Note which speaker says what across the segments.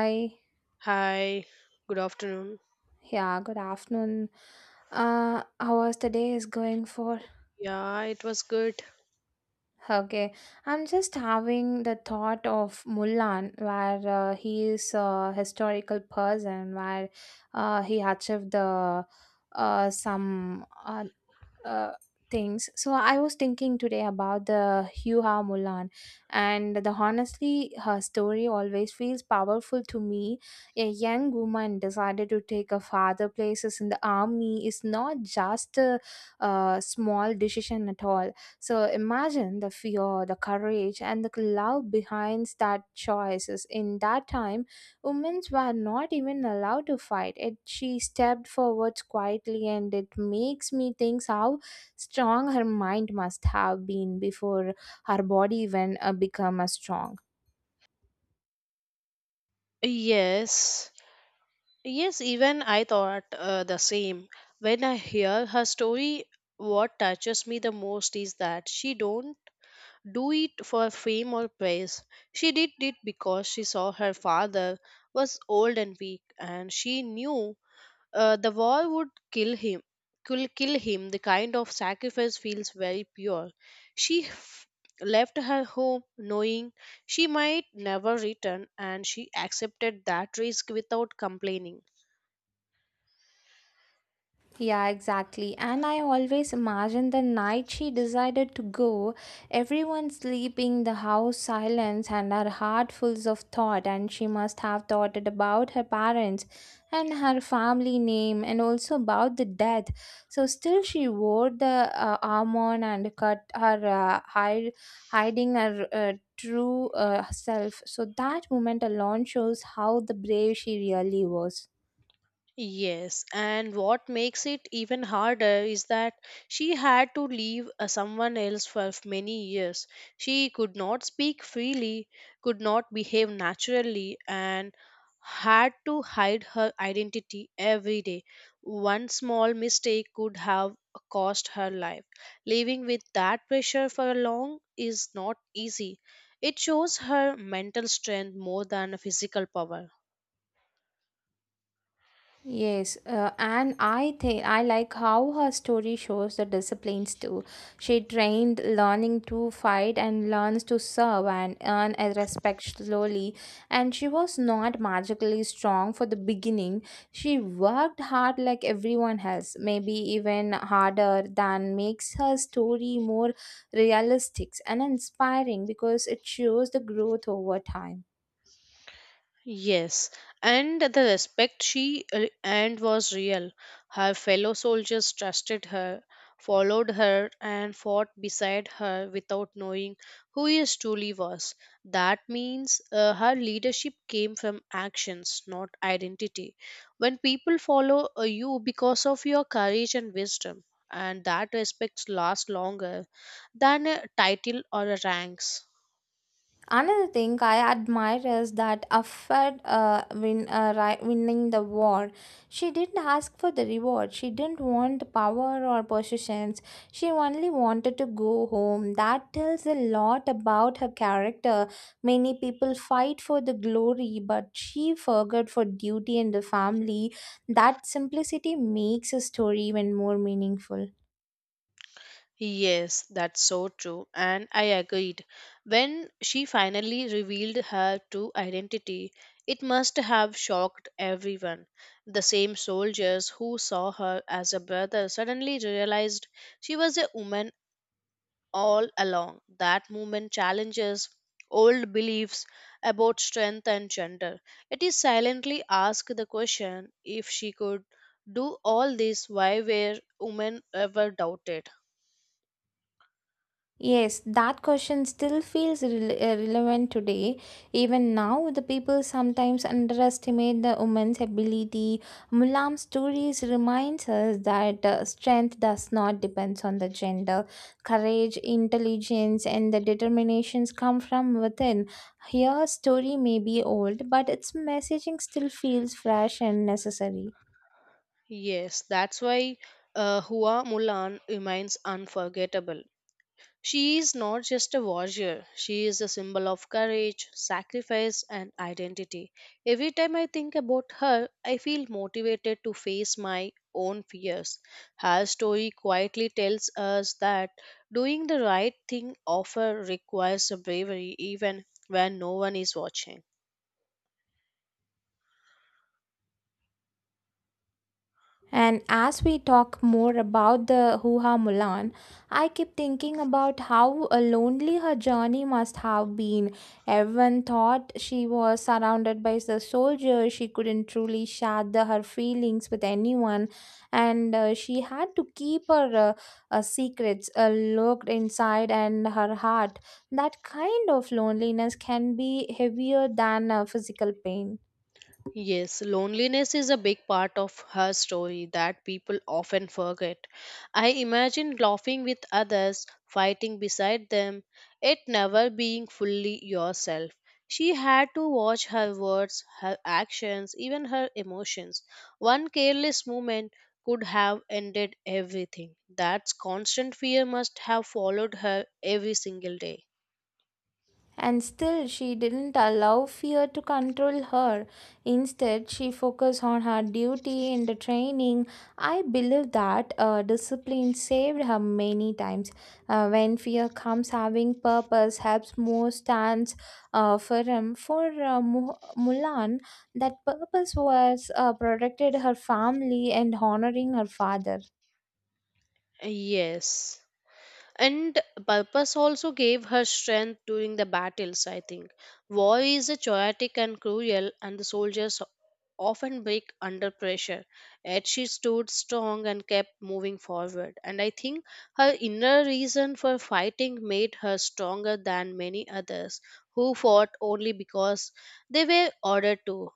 Speaker 1: Hi,
Speaker 2: Hi, good afternoon.
Speaker 1: yeah, good afternoon. How was the day is going for?
Speaker 2: Yeah, it was good.
Speaker 1: Okay, I'm just having the thought of Mulan, where he is a historical person, where he achieved the some uh, things. So I was thinking today about the Hugh Ha Mulan, and the honestly, her story always feels powerful to me. A young woman decided to take her father places in the army is not just a, small decision at all. So imagine the fear, the courage, and the love behind that choices. In that time, women were not even allowed to fight. It she stepped forward quietly, and it makes me think how strong her mind must have been before her body even become strong.
Speaker 2: Yes, yes, even I thought the same. When I hear her story, what touches me the most is that she don't do it for fame or praise. She did it because she saw her father was old and weak and she knew the war would kill him. Could kill him. The kind of sacrifice feels very pure. She f- left her home knowing she might never return, and she accepted that risk without complaining.
Speaker 1: Yeah, exactly. And I always imagine the night she decided to go, everyone sleeping, the house silence, and her heart full of thought. And she must have thought it about her parents and her family name and also about the death. So, still, she wore the armor and cut her hide, hiding her. True self so that moment alone shows how the brave she really was.
Speaker 2: Yes, and what makes it even harder is that she had to leave someone else for many years. She could not speak freely, could not behave naturally, and had to hide her identity every day. One small mistake could have cost her life. Living with that pressure for long is not easy. It shows her mental strength more than physical power.
Speaker 1: Yes, and I think I like how her story shows the disciplines too. She trained learning to fight and learns to serve and earn a respect slowly. And she was not magically strong for the beginning. She worked hard like everyone else, maybe even harder than makes her story more realistic and inspiring because it shows the growth over time.
Speaker 2: Yes, and the respect she earned was real. Her fellow soldiers trusted her, followed her, and fought beside her without knowing who she truly was. That means her leadership came from actions, not identity. When people follow you because of your courage and wisdom, and that respect lasts longer than a title or a ranks.
Speaker 1: Another thing I admire is that after winning the war. She didn't ask for the reward. She didn't want the power or possessions. She only wanted to go home. That tells a lot about her character. Many people fight for the glory, but she forgot for duty and the family. That simplicity makes a story even more meaningful.
Speaker 2: Yes, that's so true. And I agreed. When she finally revealed her true identity, it must have shocked everyone. The same soldiers who saw her as a brother suddenly realized she was a woman all along. That movement challenges old beliefs about strength and gender. It is silently asked the question if she could do all this, why were women ever doubted?
Speaker 1: Yes, that question still feels relevant today. Even now, the people sometimes underestimate the woman's ability. Mulam's stories reminds us that strength does not depend on the gender. Courage, intelligence, and the determinations come from within. Her story may be old, but its messaging still feels fresh and necessary.
Speaker 2: Yes, that's why Hua Mulan remains unforgettable. She is not just a warrior, she is a symbol of courage, sacrifice, and identity. Every time I think about her, I feel motivated to face my own fears. Her story quietly tells us that doing the right thing often requires bravery, even when no one is watching.
Speaker 1: And as we talk more about the Hoo-Ha Mulan, I keep thinking about how lonely her journey must have been. Everyone thought she was surrounded by the soldiers. She couldn't truly share the, her feelings with anyone, and she had to keep her secrets locked inside and her heart. That kind of loneliness can be heavier than physical pain.
Speaker 2: Yes, loneliness is a big part of her story that people often forget. I imagine laughing with others, fighting beside them, yet never being fully yourself. She had to watch her words, her actions, even her emotions. One careless movement could have ended everything. That constant fear must have followed her every single day.
Speaker 1: And still, she didn't allow fear to control her. Instead, she focused on her duty in the training. I believe that discipline saved her many times. When fear comes, having purpose helps more stands firm. For Mulan, that purpose was protected her family and honoring her father.
Speaker 2: Yes, and purpose also gave her strength during the battles. I think war is a chaotic and cruel and the soldiers often break under pressure, yet she stood strong and kept moving forward. And I think her inner reason for fighting made her stronger than many others who fought only because they were ordered to.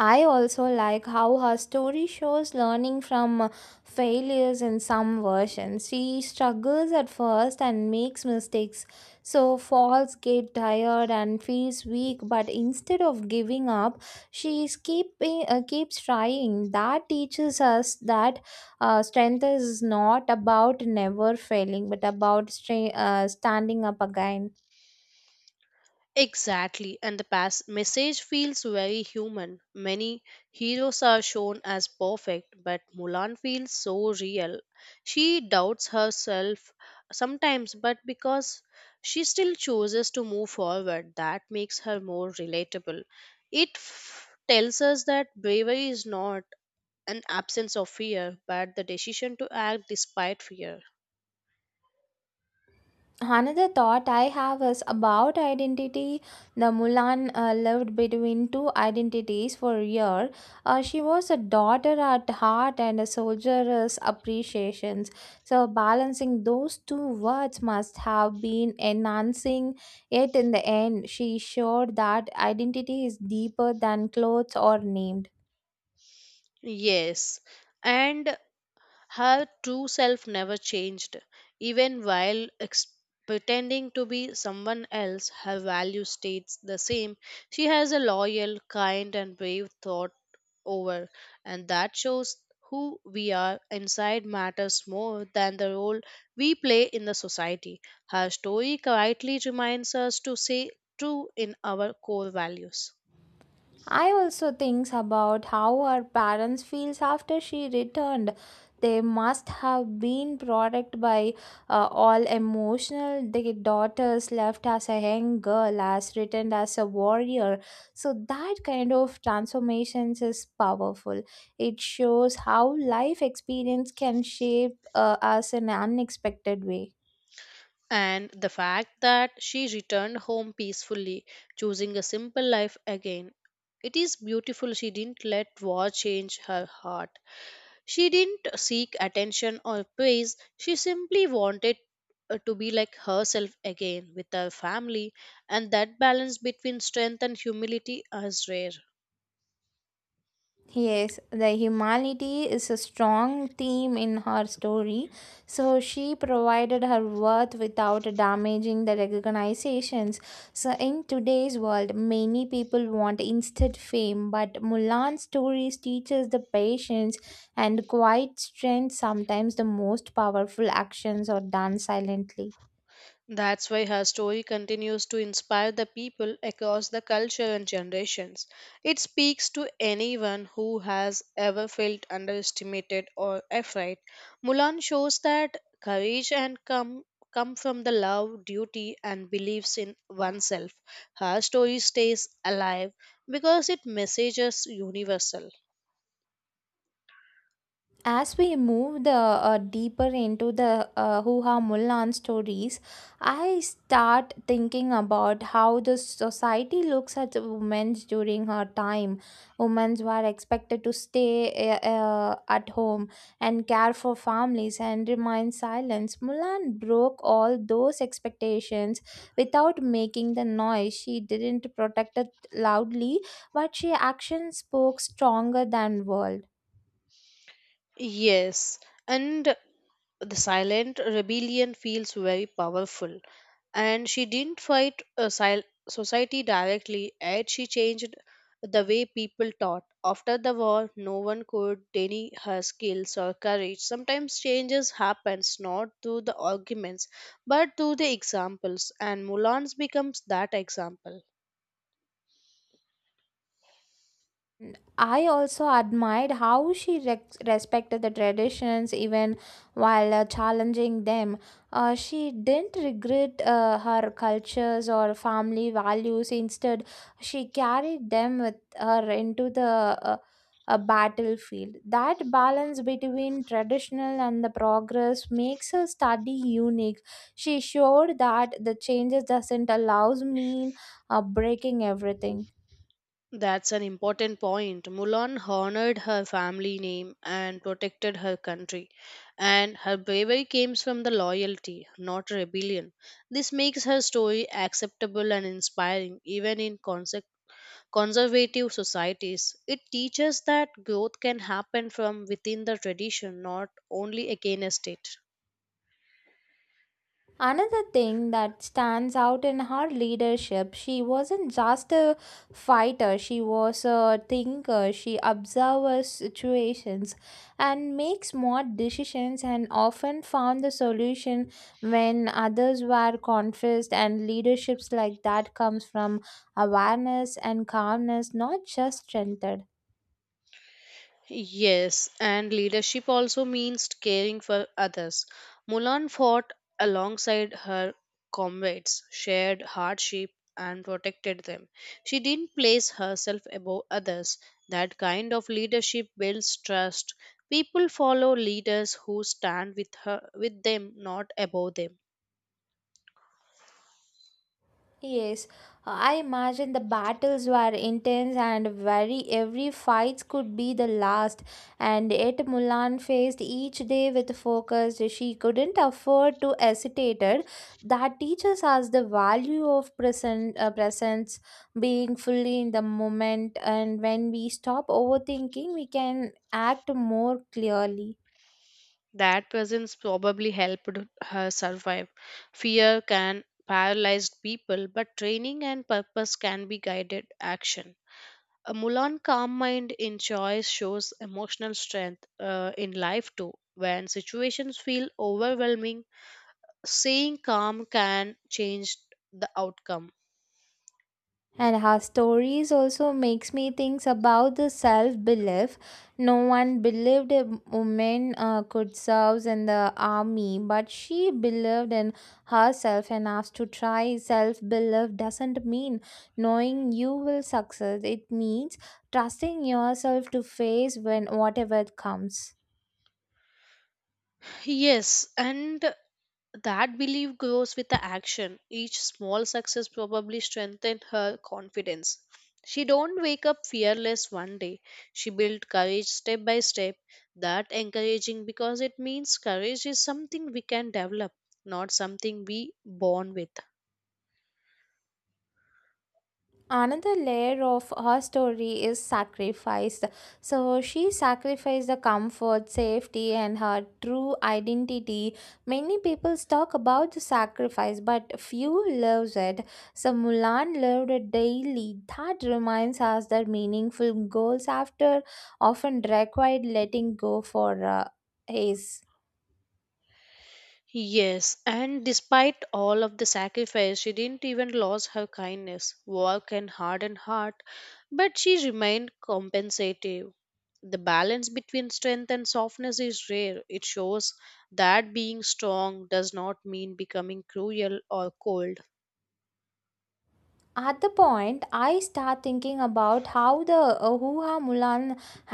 Speaker 1: I also like how her story shows learning from failures in some versions. She struggles at first and makes mistakes, so falls get tired and feels weak. But instead of giving up, she is keeping keeps trying. That teaches us that strength is not about never failing, but about standing up again.
Speaker 2: Exactly, and the past message feels very human. Many heroes are shown as perfect, but Mulan feels so real. She doubts herself sometimes, but because she still chooses to move forward, that makes her more relatable. Tells us that bravery is not an absence of fear, but the decision to act despite fear.
Speaker 1: Another thought I have is about identity. The Mulan lived between two identities for a year. She was a daughter at heart and a soldier's appreciations. So balancing those two words must have been enhancing. Yet in the end, she showed that identity is deeper than clothes or named.
Speaker 2: Yes, and her true self never changed. Even while pretending to be someone else, her value stays the same. She has a loyal, kind, and brave thought over, and that shows who we are inside matters more than the role we play in the society. Her story quietly reminds us to stay true in our core values.
Speaker 1: I also thinks about how her parents feels after she returned. They must have been product by all emotional. The daughters left as a young girl, as returned as a warrior. So that kind of transformations is powerful. It shows how life experience can shape us in an unexpected way.
Speaker 2: And the fact that she returned home peacefully, choosing a simple life again. It is beautiful she didn't let war change her heart. She didn't seek attention or praise. She simply wanted to be like herself again with her family, and that balance between strength and humility is rare.
Speaker 1: Yes, the humanity is a strong theme in her story. So she provided her worth without damaging the recognitions. So in today's world, many people want instant fame, but Mulan's stories teaches the patience and quiet strength. Sometimes the most powerful actions are done silently.
Speaker 2: That's why her story continues to inspire the people across the culture and generations. It speaks to anyone who has ever felt underestimated or afraid. Mulan shows that courage and come from the love, duty and beliefs in oneself. Her story stays alive because it messages universal.
Speaker 1: As we move the deeper into the Huha Mulan stories, I start thinking about how the society looks at women during her time. Women were expected to stay at home and care for families and remain silent. Mulan broke all those expectations without making the noise. She didn't protect it loudly, but she action spoke stronger than words.
Speaker 2: Yes, and the silent rebellion feels very powerful. And she didn't fight society directly, yet she changed the way people taught. After the war, no one could deny her skills or courage. Sometimes changes happens not through the arguments but through the examples, and Mulans becomes that example.
Speaker 1: I also admired how she rex respected the traditions even while challenging them. She didn't regret her cultures or family values. Instead, she carried them with her into the uh, battlefield. That balance between traditional and the progress makes her study unique. She showed that the changes doesn't allows mean breaking everything.
Speaker 2: That's an important point. Mulan honored her family name and protected her country, and her bravery comes from the loyalty, not rebellion. This makes her story acceptable and inspiring, even in conservative societies. It teaches that growth can happen from within the tradition, not only against it.
Speaker 1: Another thing that stands out in her leadership, she wasn't just a fighter, she was a thinker. She observes situations and makes smart decisions and often found the solution when others were confused and leaderships like that comes from awareness and calmness, not just strength.
Speaker 2: Yes, and leadership also means caring for others. Mulan fought alongside her comrades, shared hardship, and protected them. She didn't place herself above others. That kind of leadership builds trust. People follow leaders who stand with her with them, not above them.
Speaker 1: Yes, I imagine the battles were intense and very every fight could be the last and yet Mulan faced each day with focus she couldn't afford to hesitate. That teaches us the value of present presence being fully in the moment and when we stop overthinking we can act more clearly.
Speaker 2: That presence probably helped her survive. Fear can paralyze people, but training and purpose can be guided action. A Mulan calm mind in choice shows emotional strength in life too. When situations feel overwhelming, staying calm can change the outcome.
Speaker 1: And her stories also makes me think about the self-belief. No one believed a woman could serve in the army, but she believed in herself enough to try. Self-belief doesn't mean knowing you will succeed. It means trusting yourself to face when whatever comes.
Speaker 2: Yes, and that belief grows with the action. Each small success probably strengthened her confidence. She don't wake up fearless one day. She built courage step by step. That encouraging because it means courage is something we can develop, not something we born with.
Speaker 1: Another layer of her story is sacrificed. So she sacrificed the comfort, safety, and her true identity. Many people talk about the sacrifice, but few lives it. So Mulan lived it daily. That reminds us that meaningful goals after often required letting go for ace.
Speaker 2: Yes, and despite all of the sacrifice, she didn't even lose her kindness, work, and hardened heart, but she remained compensative. The balance between strength and softness is rare. It shows that being strong does not mean becoming cruel or cold.
Speaker 1: At the point I start thinking about how the Hua Mulan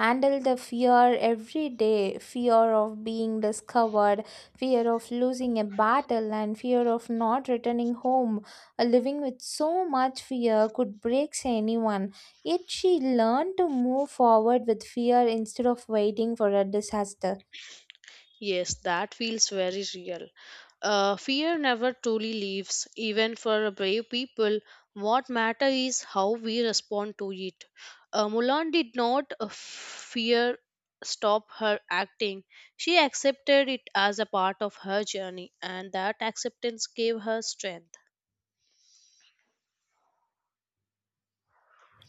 Speaker 1: handled the fear every day fear of being discovered fear of losing a battle and fear of not returning home. Living with so much fear could break anyone yet she learned to move forward with fear instead of waiting for a disaster.
Speaker 2: Yes, that feels very real. Fear never truly leaves, even for brave people. What matters is how we respond to it. Mulan did not fear stop her acting. She accepted it as a part of her journey, and that acceptance gave her strength.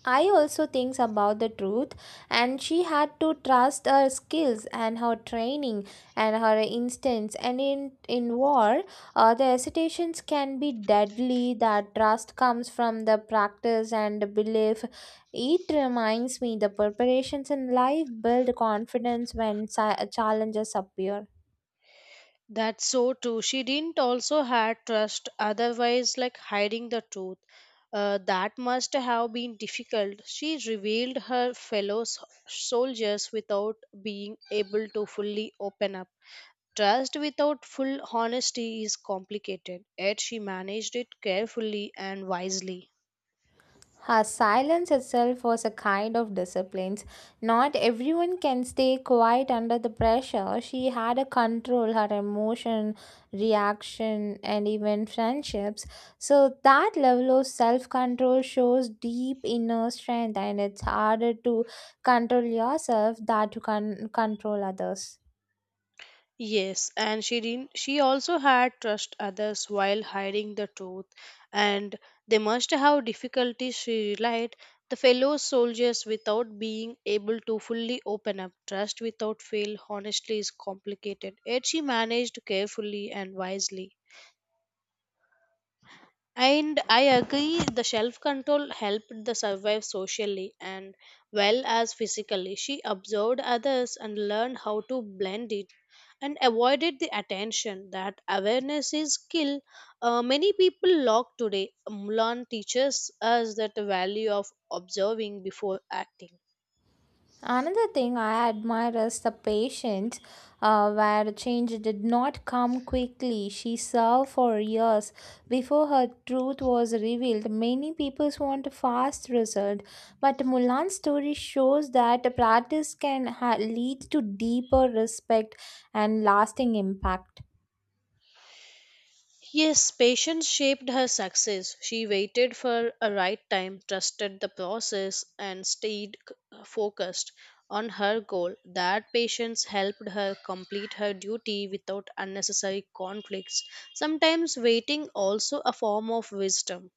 Speaker 1: I also thinks about the truth and she had to trust her skills and her training and her instincts and in war the hesitations can be deadly that trust comes from the practice and the belief it reminds me the preparations in life build confidence when challenges appear.
Speaker 2: That's so true. She didn't also had trust, otherwise, like hiding the truth. That must have been difficult. She revealed her fellow soldiers without being able to fully open up. Trust without full honesty is complicated, yet she managed it carefully and wisely.
Speaker 1: Her silence itself was a kind of discipline. Not everyone can stay quiet under the pressure. She had a control her emotion, reaction, and even friendships. So that level of self-control shows deep inner strength, and it's harder to control yourself than to control others.
Speaker 2: Yes, and she didn't, she also had trust others while hiding the truth, and they must have difficulty. She relied the fellow soldiers without being able to fully open up. Trust without fail, honestly, is complicated. Yet she managed carefully and wisely. And I agree the self control helped the survive socially and well as physically. She observed others and learned how to blend it and avoided the attention. That awareness is skill many people lack today. Mulan teaches us that the value of observing before acting.
Speaker 1: Another thing I admire is the patience where change did not come quickly. She served for years before her truth was revealed. Many people want a fast result, but Mulan's story shows that practice can lead to deeper respect and lasting impact.
Speaker 2: Yes, patience shaped her success. She waited for a right time, trusted the process, and stayed focused on her goal. That patience helped her complete her duty without unnecessary conflicts. Sometimes waiting also a form of wisdom.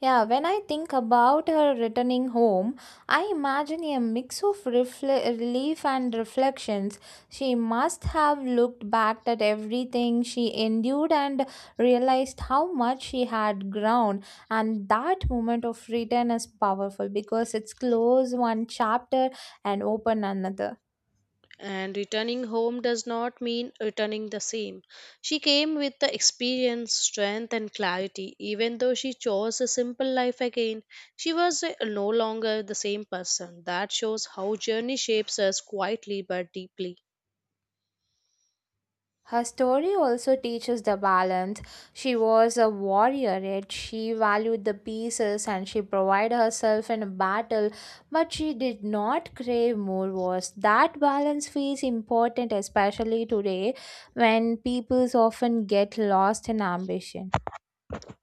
Speaker 1: Yeah, when I think about her returning home, I imagine a mix of relief and reflections. She must have looked back at everything she endured and realized how much she had grown. And that moment of return is powerful because it's close one chapter and open another.
Speaker 2: And returning home does not mean returning the same. She came with the experience, strength, and clarity. Even though she chose a simple life again, she was no longer the same person. That shows how journey shapes us quietly but deeply.
Speaker 1: Her story also teaches the balance. She was a warrior, yet she valued the pieces and she provided herself in a battle, but she did not crave more wars. That balance feels important, especially today when people often get lost in ambition.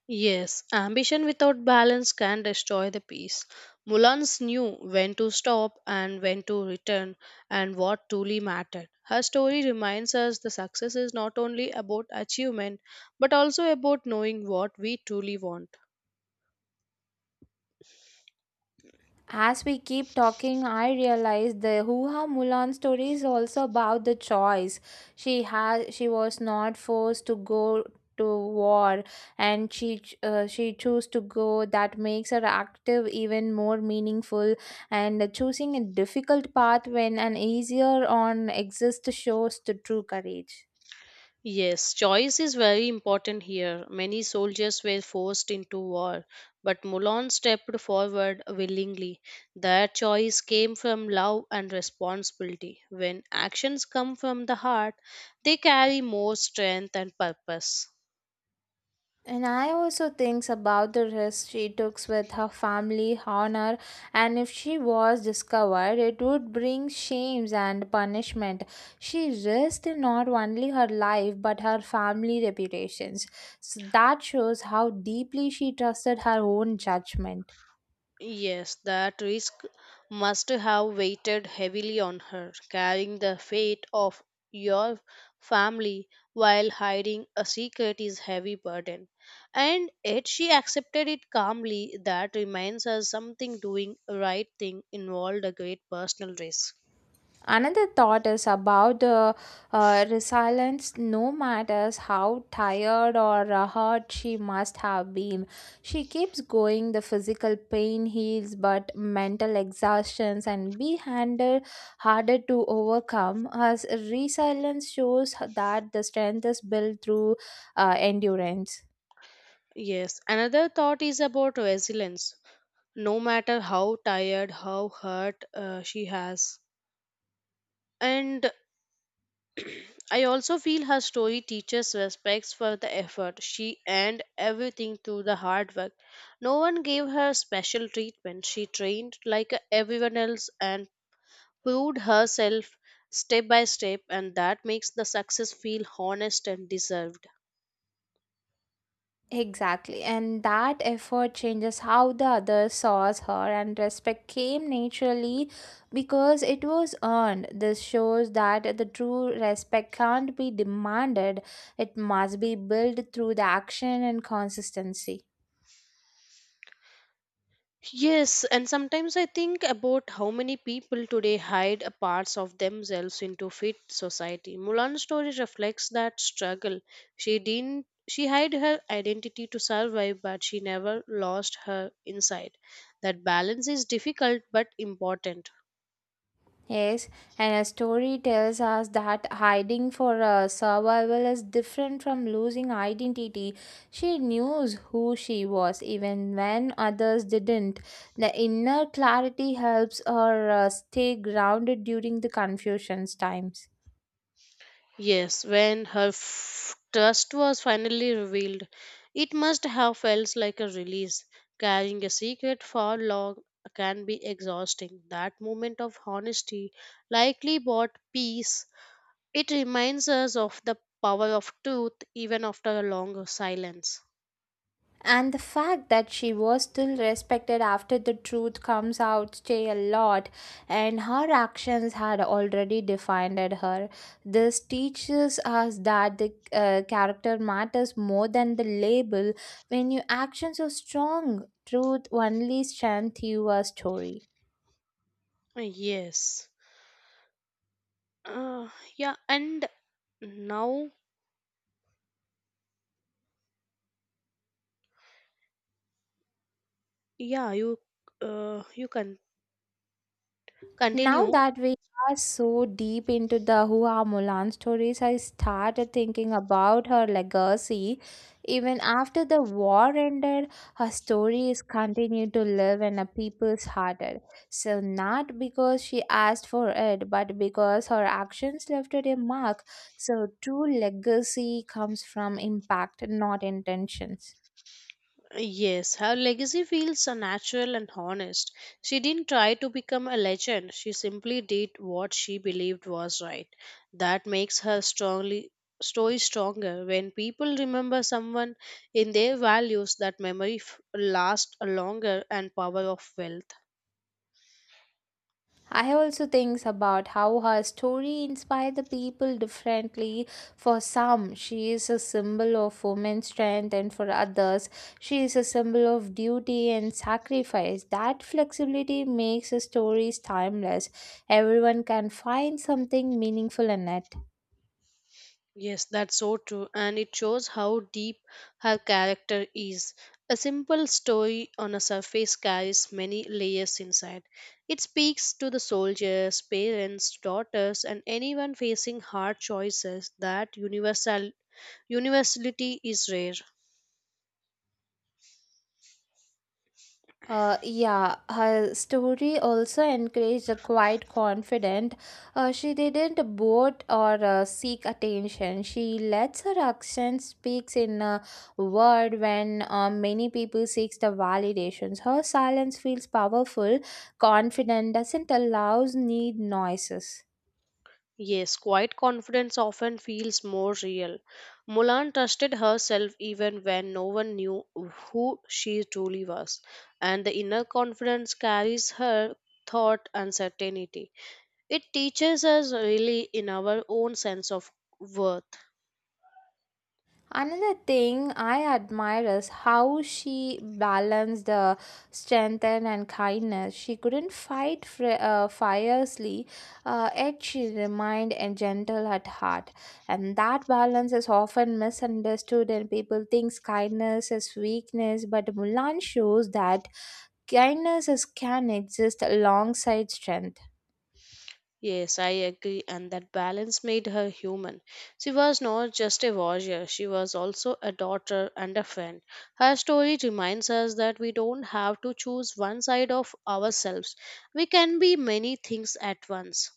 Speaker 2: Yes, ambition without balance can destroy the peace. Mulans knew when to stop and when to return and what truly mattered. Her story reminds us the success is not only about achievement but also about knowing what we truly want.
Speaker 1: As we keep talking, I realize the Hua Mulan story is also about the choice. She was not forced to go to war, and she chose to go. That makes her active even more meaningful and choosing a difficult path when an easier one exists shows the true courage.
Speaker 2: Yes, choice is very important here. Many soldiers were forced into war, but Mulan stepped forward willingly. Their choice came from love and responsibility. When actions come from the heart, they carry more strength and purpose.
Speaker 1: And I also thinks about the risk she took with her family honor, and if she was discovered, it would bring shames and punishment. She risked not only her life but her family reputations. So that shows how deeply she trusted her own judgment.
Speaker 2: Yes, that risk must have weighted heavily on her, carrying the fate of your family while hiding a secret is heavy burden. And yet she accepted it calmly. That reminds us something doing right thing involved a great personal risk.
Speaker 1: Another thought is about the resilience, no matters how tired or hurt she must have been. She keeps going, the physical pain heals, but mental exhaustions and be handled harder to overcome as resilience shows that the strength is built through endurance.
Speaker 2: Yes, another thought is about resilience. No matter how tired, how hurt she has, and I also feel her story teaches respect for the effort. She earned everything through the hard work. No one gave her special treatment. She trained like everyone else and proved herself step by step, and that makes the success feel honest and deserved.
Speaker 1: Exactly, and that effort changes how the other saws her, and respect came naturally because it was earned. This shows that the true respect can't be demanded, it must be built through the action and consistency.
Speaker 2: Yes, and sometimes I think about how many people today hide a parts of themselves into fit society. Mulan's story reflects that struggle. She didn't she hid her identity to survive, but she never lost her inside. That balance is difficult but important.
Speaker 1: Yes, and a story tells us that hiding for survival is different from losing identity. She knew who she was even when others didn't. The inner clarity helps her stay grounded during the confusion's times.
Speaker 2: Yes, when her trust was finally revealed, it must have felt like a release. Carrying a secret for long can be exhausting. That moment of honesty likely brought peace. It reminds us of the power of truth even after a long silence.
Speaker 1: And the fact that she was still respected after the truth comes out say a lot, and her actions had already defined her. This teaches us that the character matters more than the label. When your actions are strong, truth only strengthens your story.
Speaker 2: Yes. Uh, yeah, and now, yeah, you, you can
Speaker 1: Now
Speaker 2: continue.
Speaker 1: that we are so deep into the Hua Mulan stories, I started thinking about her legacy. Even after the war ended, her stories continued to live in a people's heart. So not because she asked for it, but because her actions left a mark. So true legacy comes from impact, not intentions.
Speaker 2: Yes, her legacy feels so natural and honest. She didn't try to become a legend, she simply did what she believed was right. That makes her strongly story stronger. When people remember someone in their values, that memory lasts longer and power of wealth.
Speaker 1: I also think about how her story inspired the people differently. For some, she is a symbol of woman's strength, and for others, she is a symbol of duty and sacrifice. That flexibility makes her stories timeless. Everyone can find something meaningful in it.
Speaker 2: Yes, that's so true, and it shows how deep her character is. A simple story on a surface carries many layers inside. It speaks to the soldiers, parents, daughters, and anyone facing hard choices. That universality is rare.
Speaker 1: Yeah, her story also encouraged a quiet confident. She didn't boast or seek attention. She lets her action speaks in a word when many people seeks the validations. Her silence feels powerful, confident, doesn't allows need noises.
Speaker 2: Yes, quiet confidence often feels more real. Mulan trusted herself even when no one knew who she truly was, and the inner confidence carries her thought and certainty. It teaches us really in our own sense of worth.
Speaker 1: Another thing I admire is how she balanced the strength and kindness. She couldn't fight fiercely, yet she remained and gentle at heart. And that balance is often misunderstood, and people think kindness is weakness. But Mulan shows that kindness is, can exist alongside strength.
Speaker 2: Yes, I agree, and that balance made her human. She was not just a warrior, she was also a daughter and a friend. Her story reminds us that we don't have to choose one side of ourselves, we can be many things at once.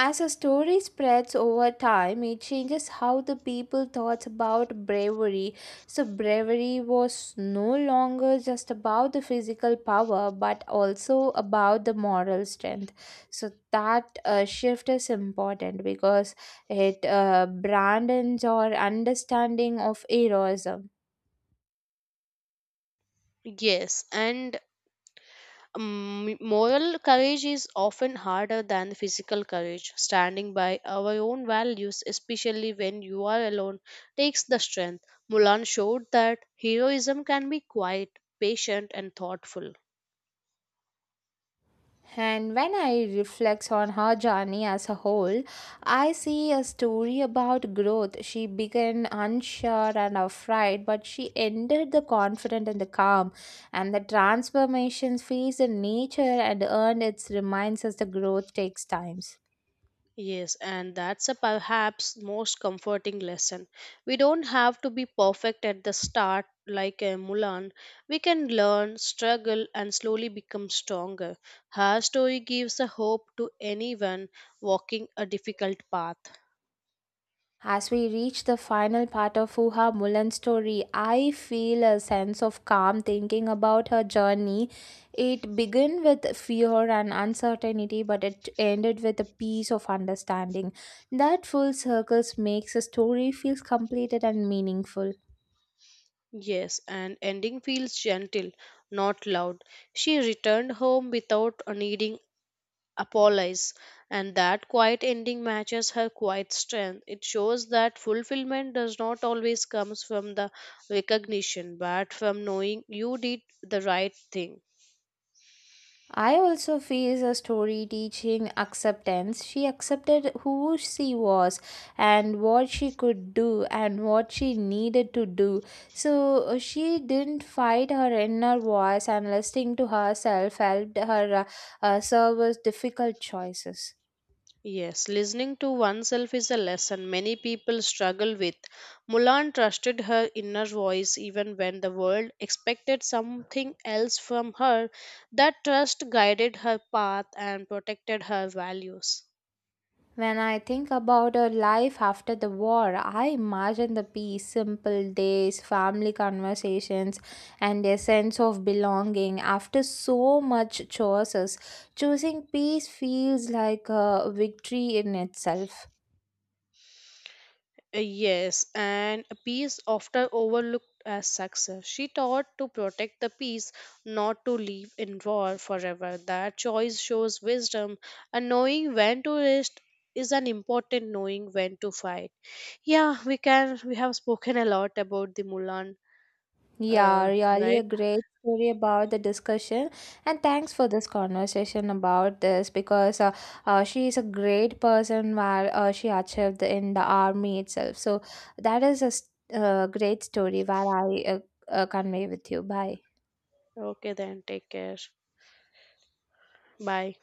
Speaker 1: As a story spreads over time, it changes how the people thought about bravery. So, bravery was no longer just about the physical power but also about the moral strength. So, that shift is important because it brandens our understanding of heroism.
Speaker 2: Yes, and moral courage is often harder than physical courage. Standing by our own values, especially when you are alone, takes the strength. Mulan showed that heroism can be quiet, patient, and thoughtful.
Speaker 1: And when I reflect on her journey as a whole, I see a story about growth. She began unsure and afraid, but she ended the confident and the calm. And the transformation feeds the nature and earned its reminds us the growth takes times.
Speaker 2: Yes, and that's a perhaps most comforting lesson. We don't have to be perfect at the start like a Mulan. We can learn, struggle, and slowly become stronger. Her story gives a hope to anyone walking a difficult path.
Speaker 1: As we reach the final part of Fuha Mulan's story, I feel a sense of calm thinking about her journey. It began with fear and uncertainty, but it ended with a peace of understanding. That full circles makes the story feels completed and meaningful.
Speaker 2: Yes, and ending feels gentle, not loud. She returned home without needing apologize, and that quiet ending matches her quiet strength. It shows that fulfillment does not always comes from the recognition but from knowing you did the right thing.
Speaker 1: I also face a story teaching acceptance. She accepted who she was and what she could do and what she needed to do. So she didn't fight her inner voice and listening to herself helped her serve as difficult choices.
Speaker 2: Yes, listening to oneself is a lesson many people struggle with. Mulan trusted her inner voice even when the world expected something else from her. That trust guided her path and protected her values.
Speaker 1: When I think about her life after the war, I imagine the peace, simple days, family conversations, and a sense of belonging after so much choices. Choosing peace feels like a victory in itself.
Speaker 2: Yes, and a peace often overlooked as success. She taught to protect the peace, not to live in war forever. That choice shows wisdom, and knowing when to rest is an important knowing when to fight. Yeah, we can. We have spoken a lot about the Mulan,
Speaker 1: Yeah,
Speaker 2: uh,
Speaker 1: really a
Speaker 2: right?
Speaker 1: great story about the discussion. And thanks for this conversation about this because she is a great person where she achieved in the army itself. So that is a great story where I convey with you. Bye.
Speaker 2: Okay, then take care. Bye.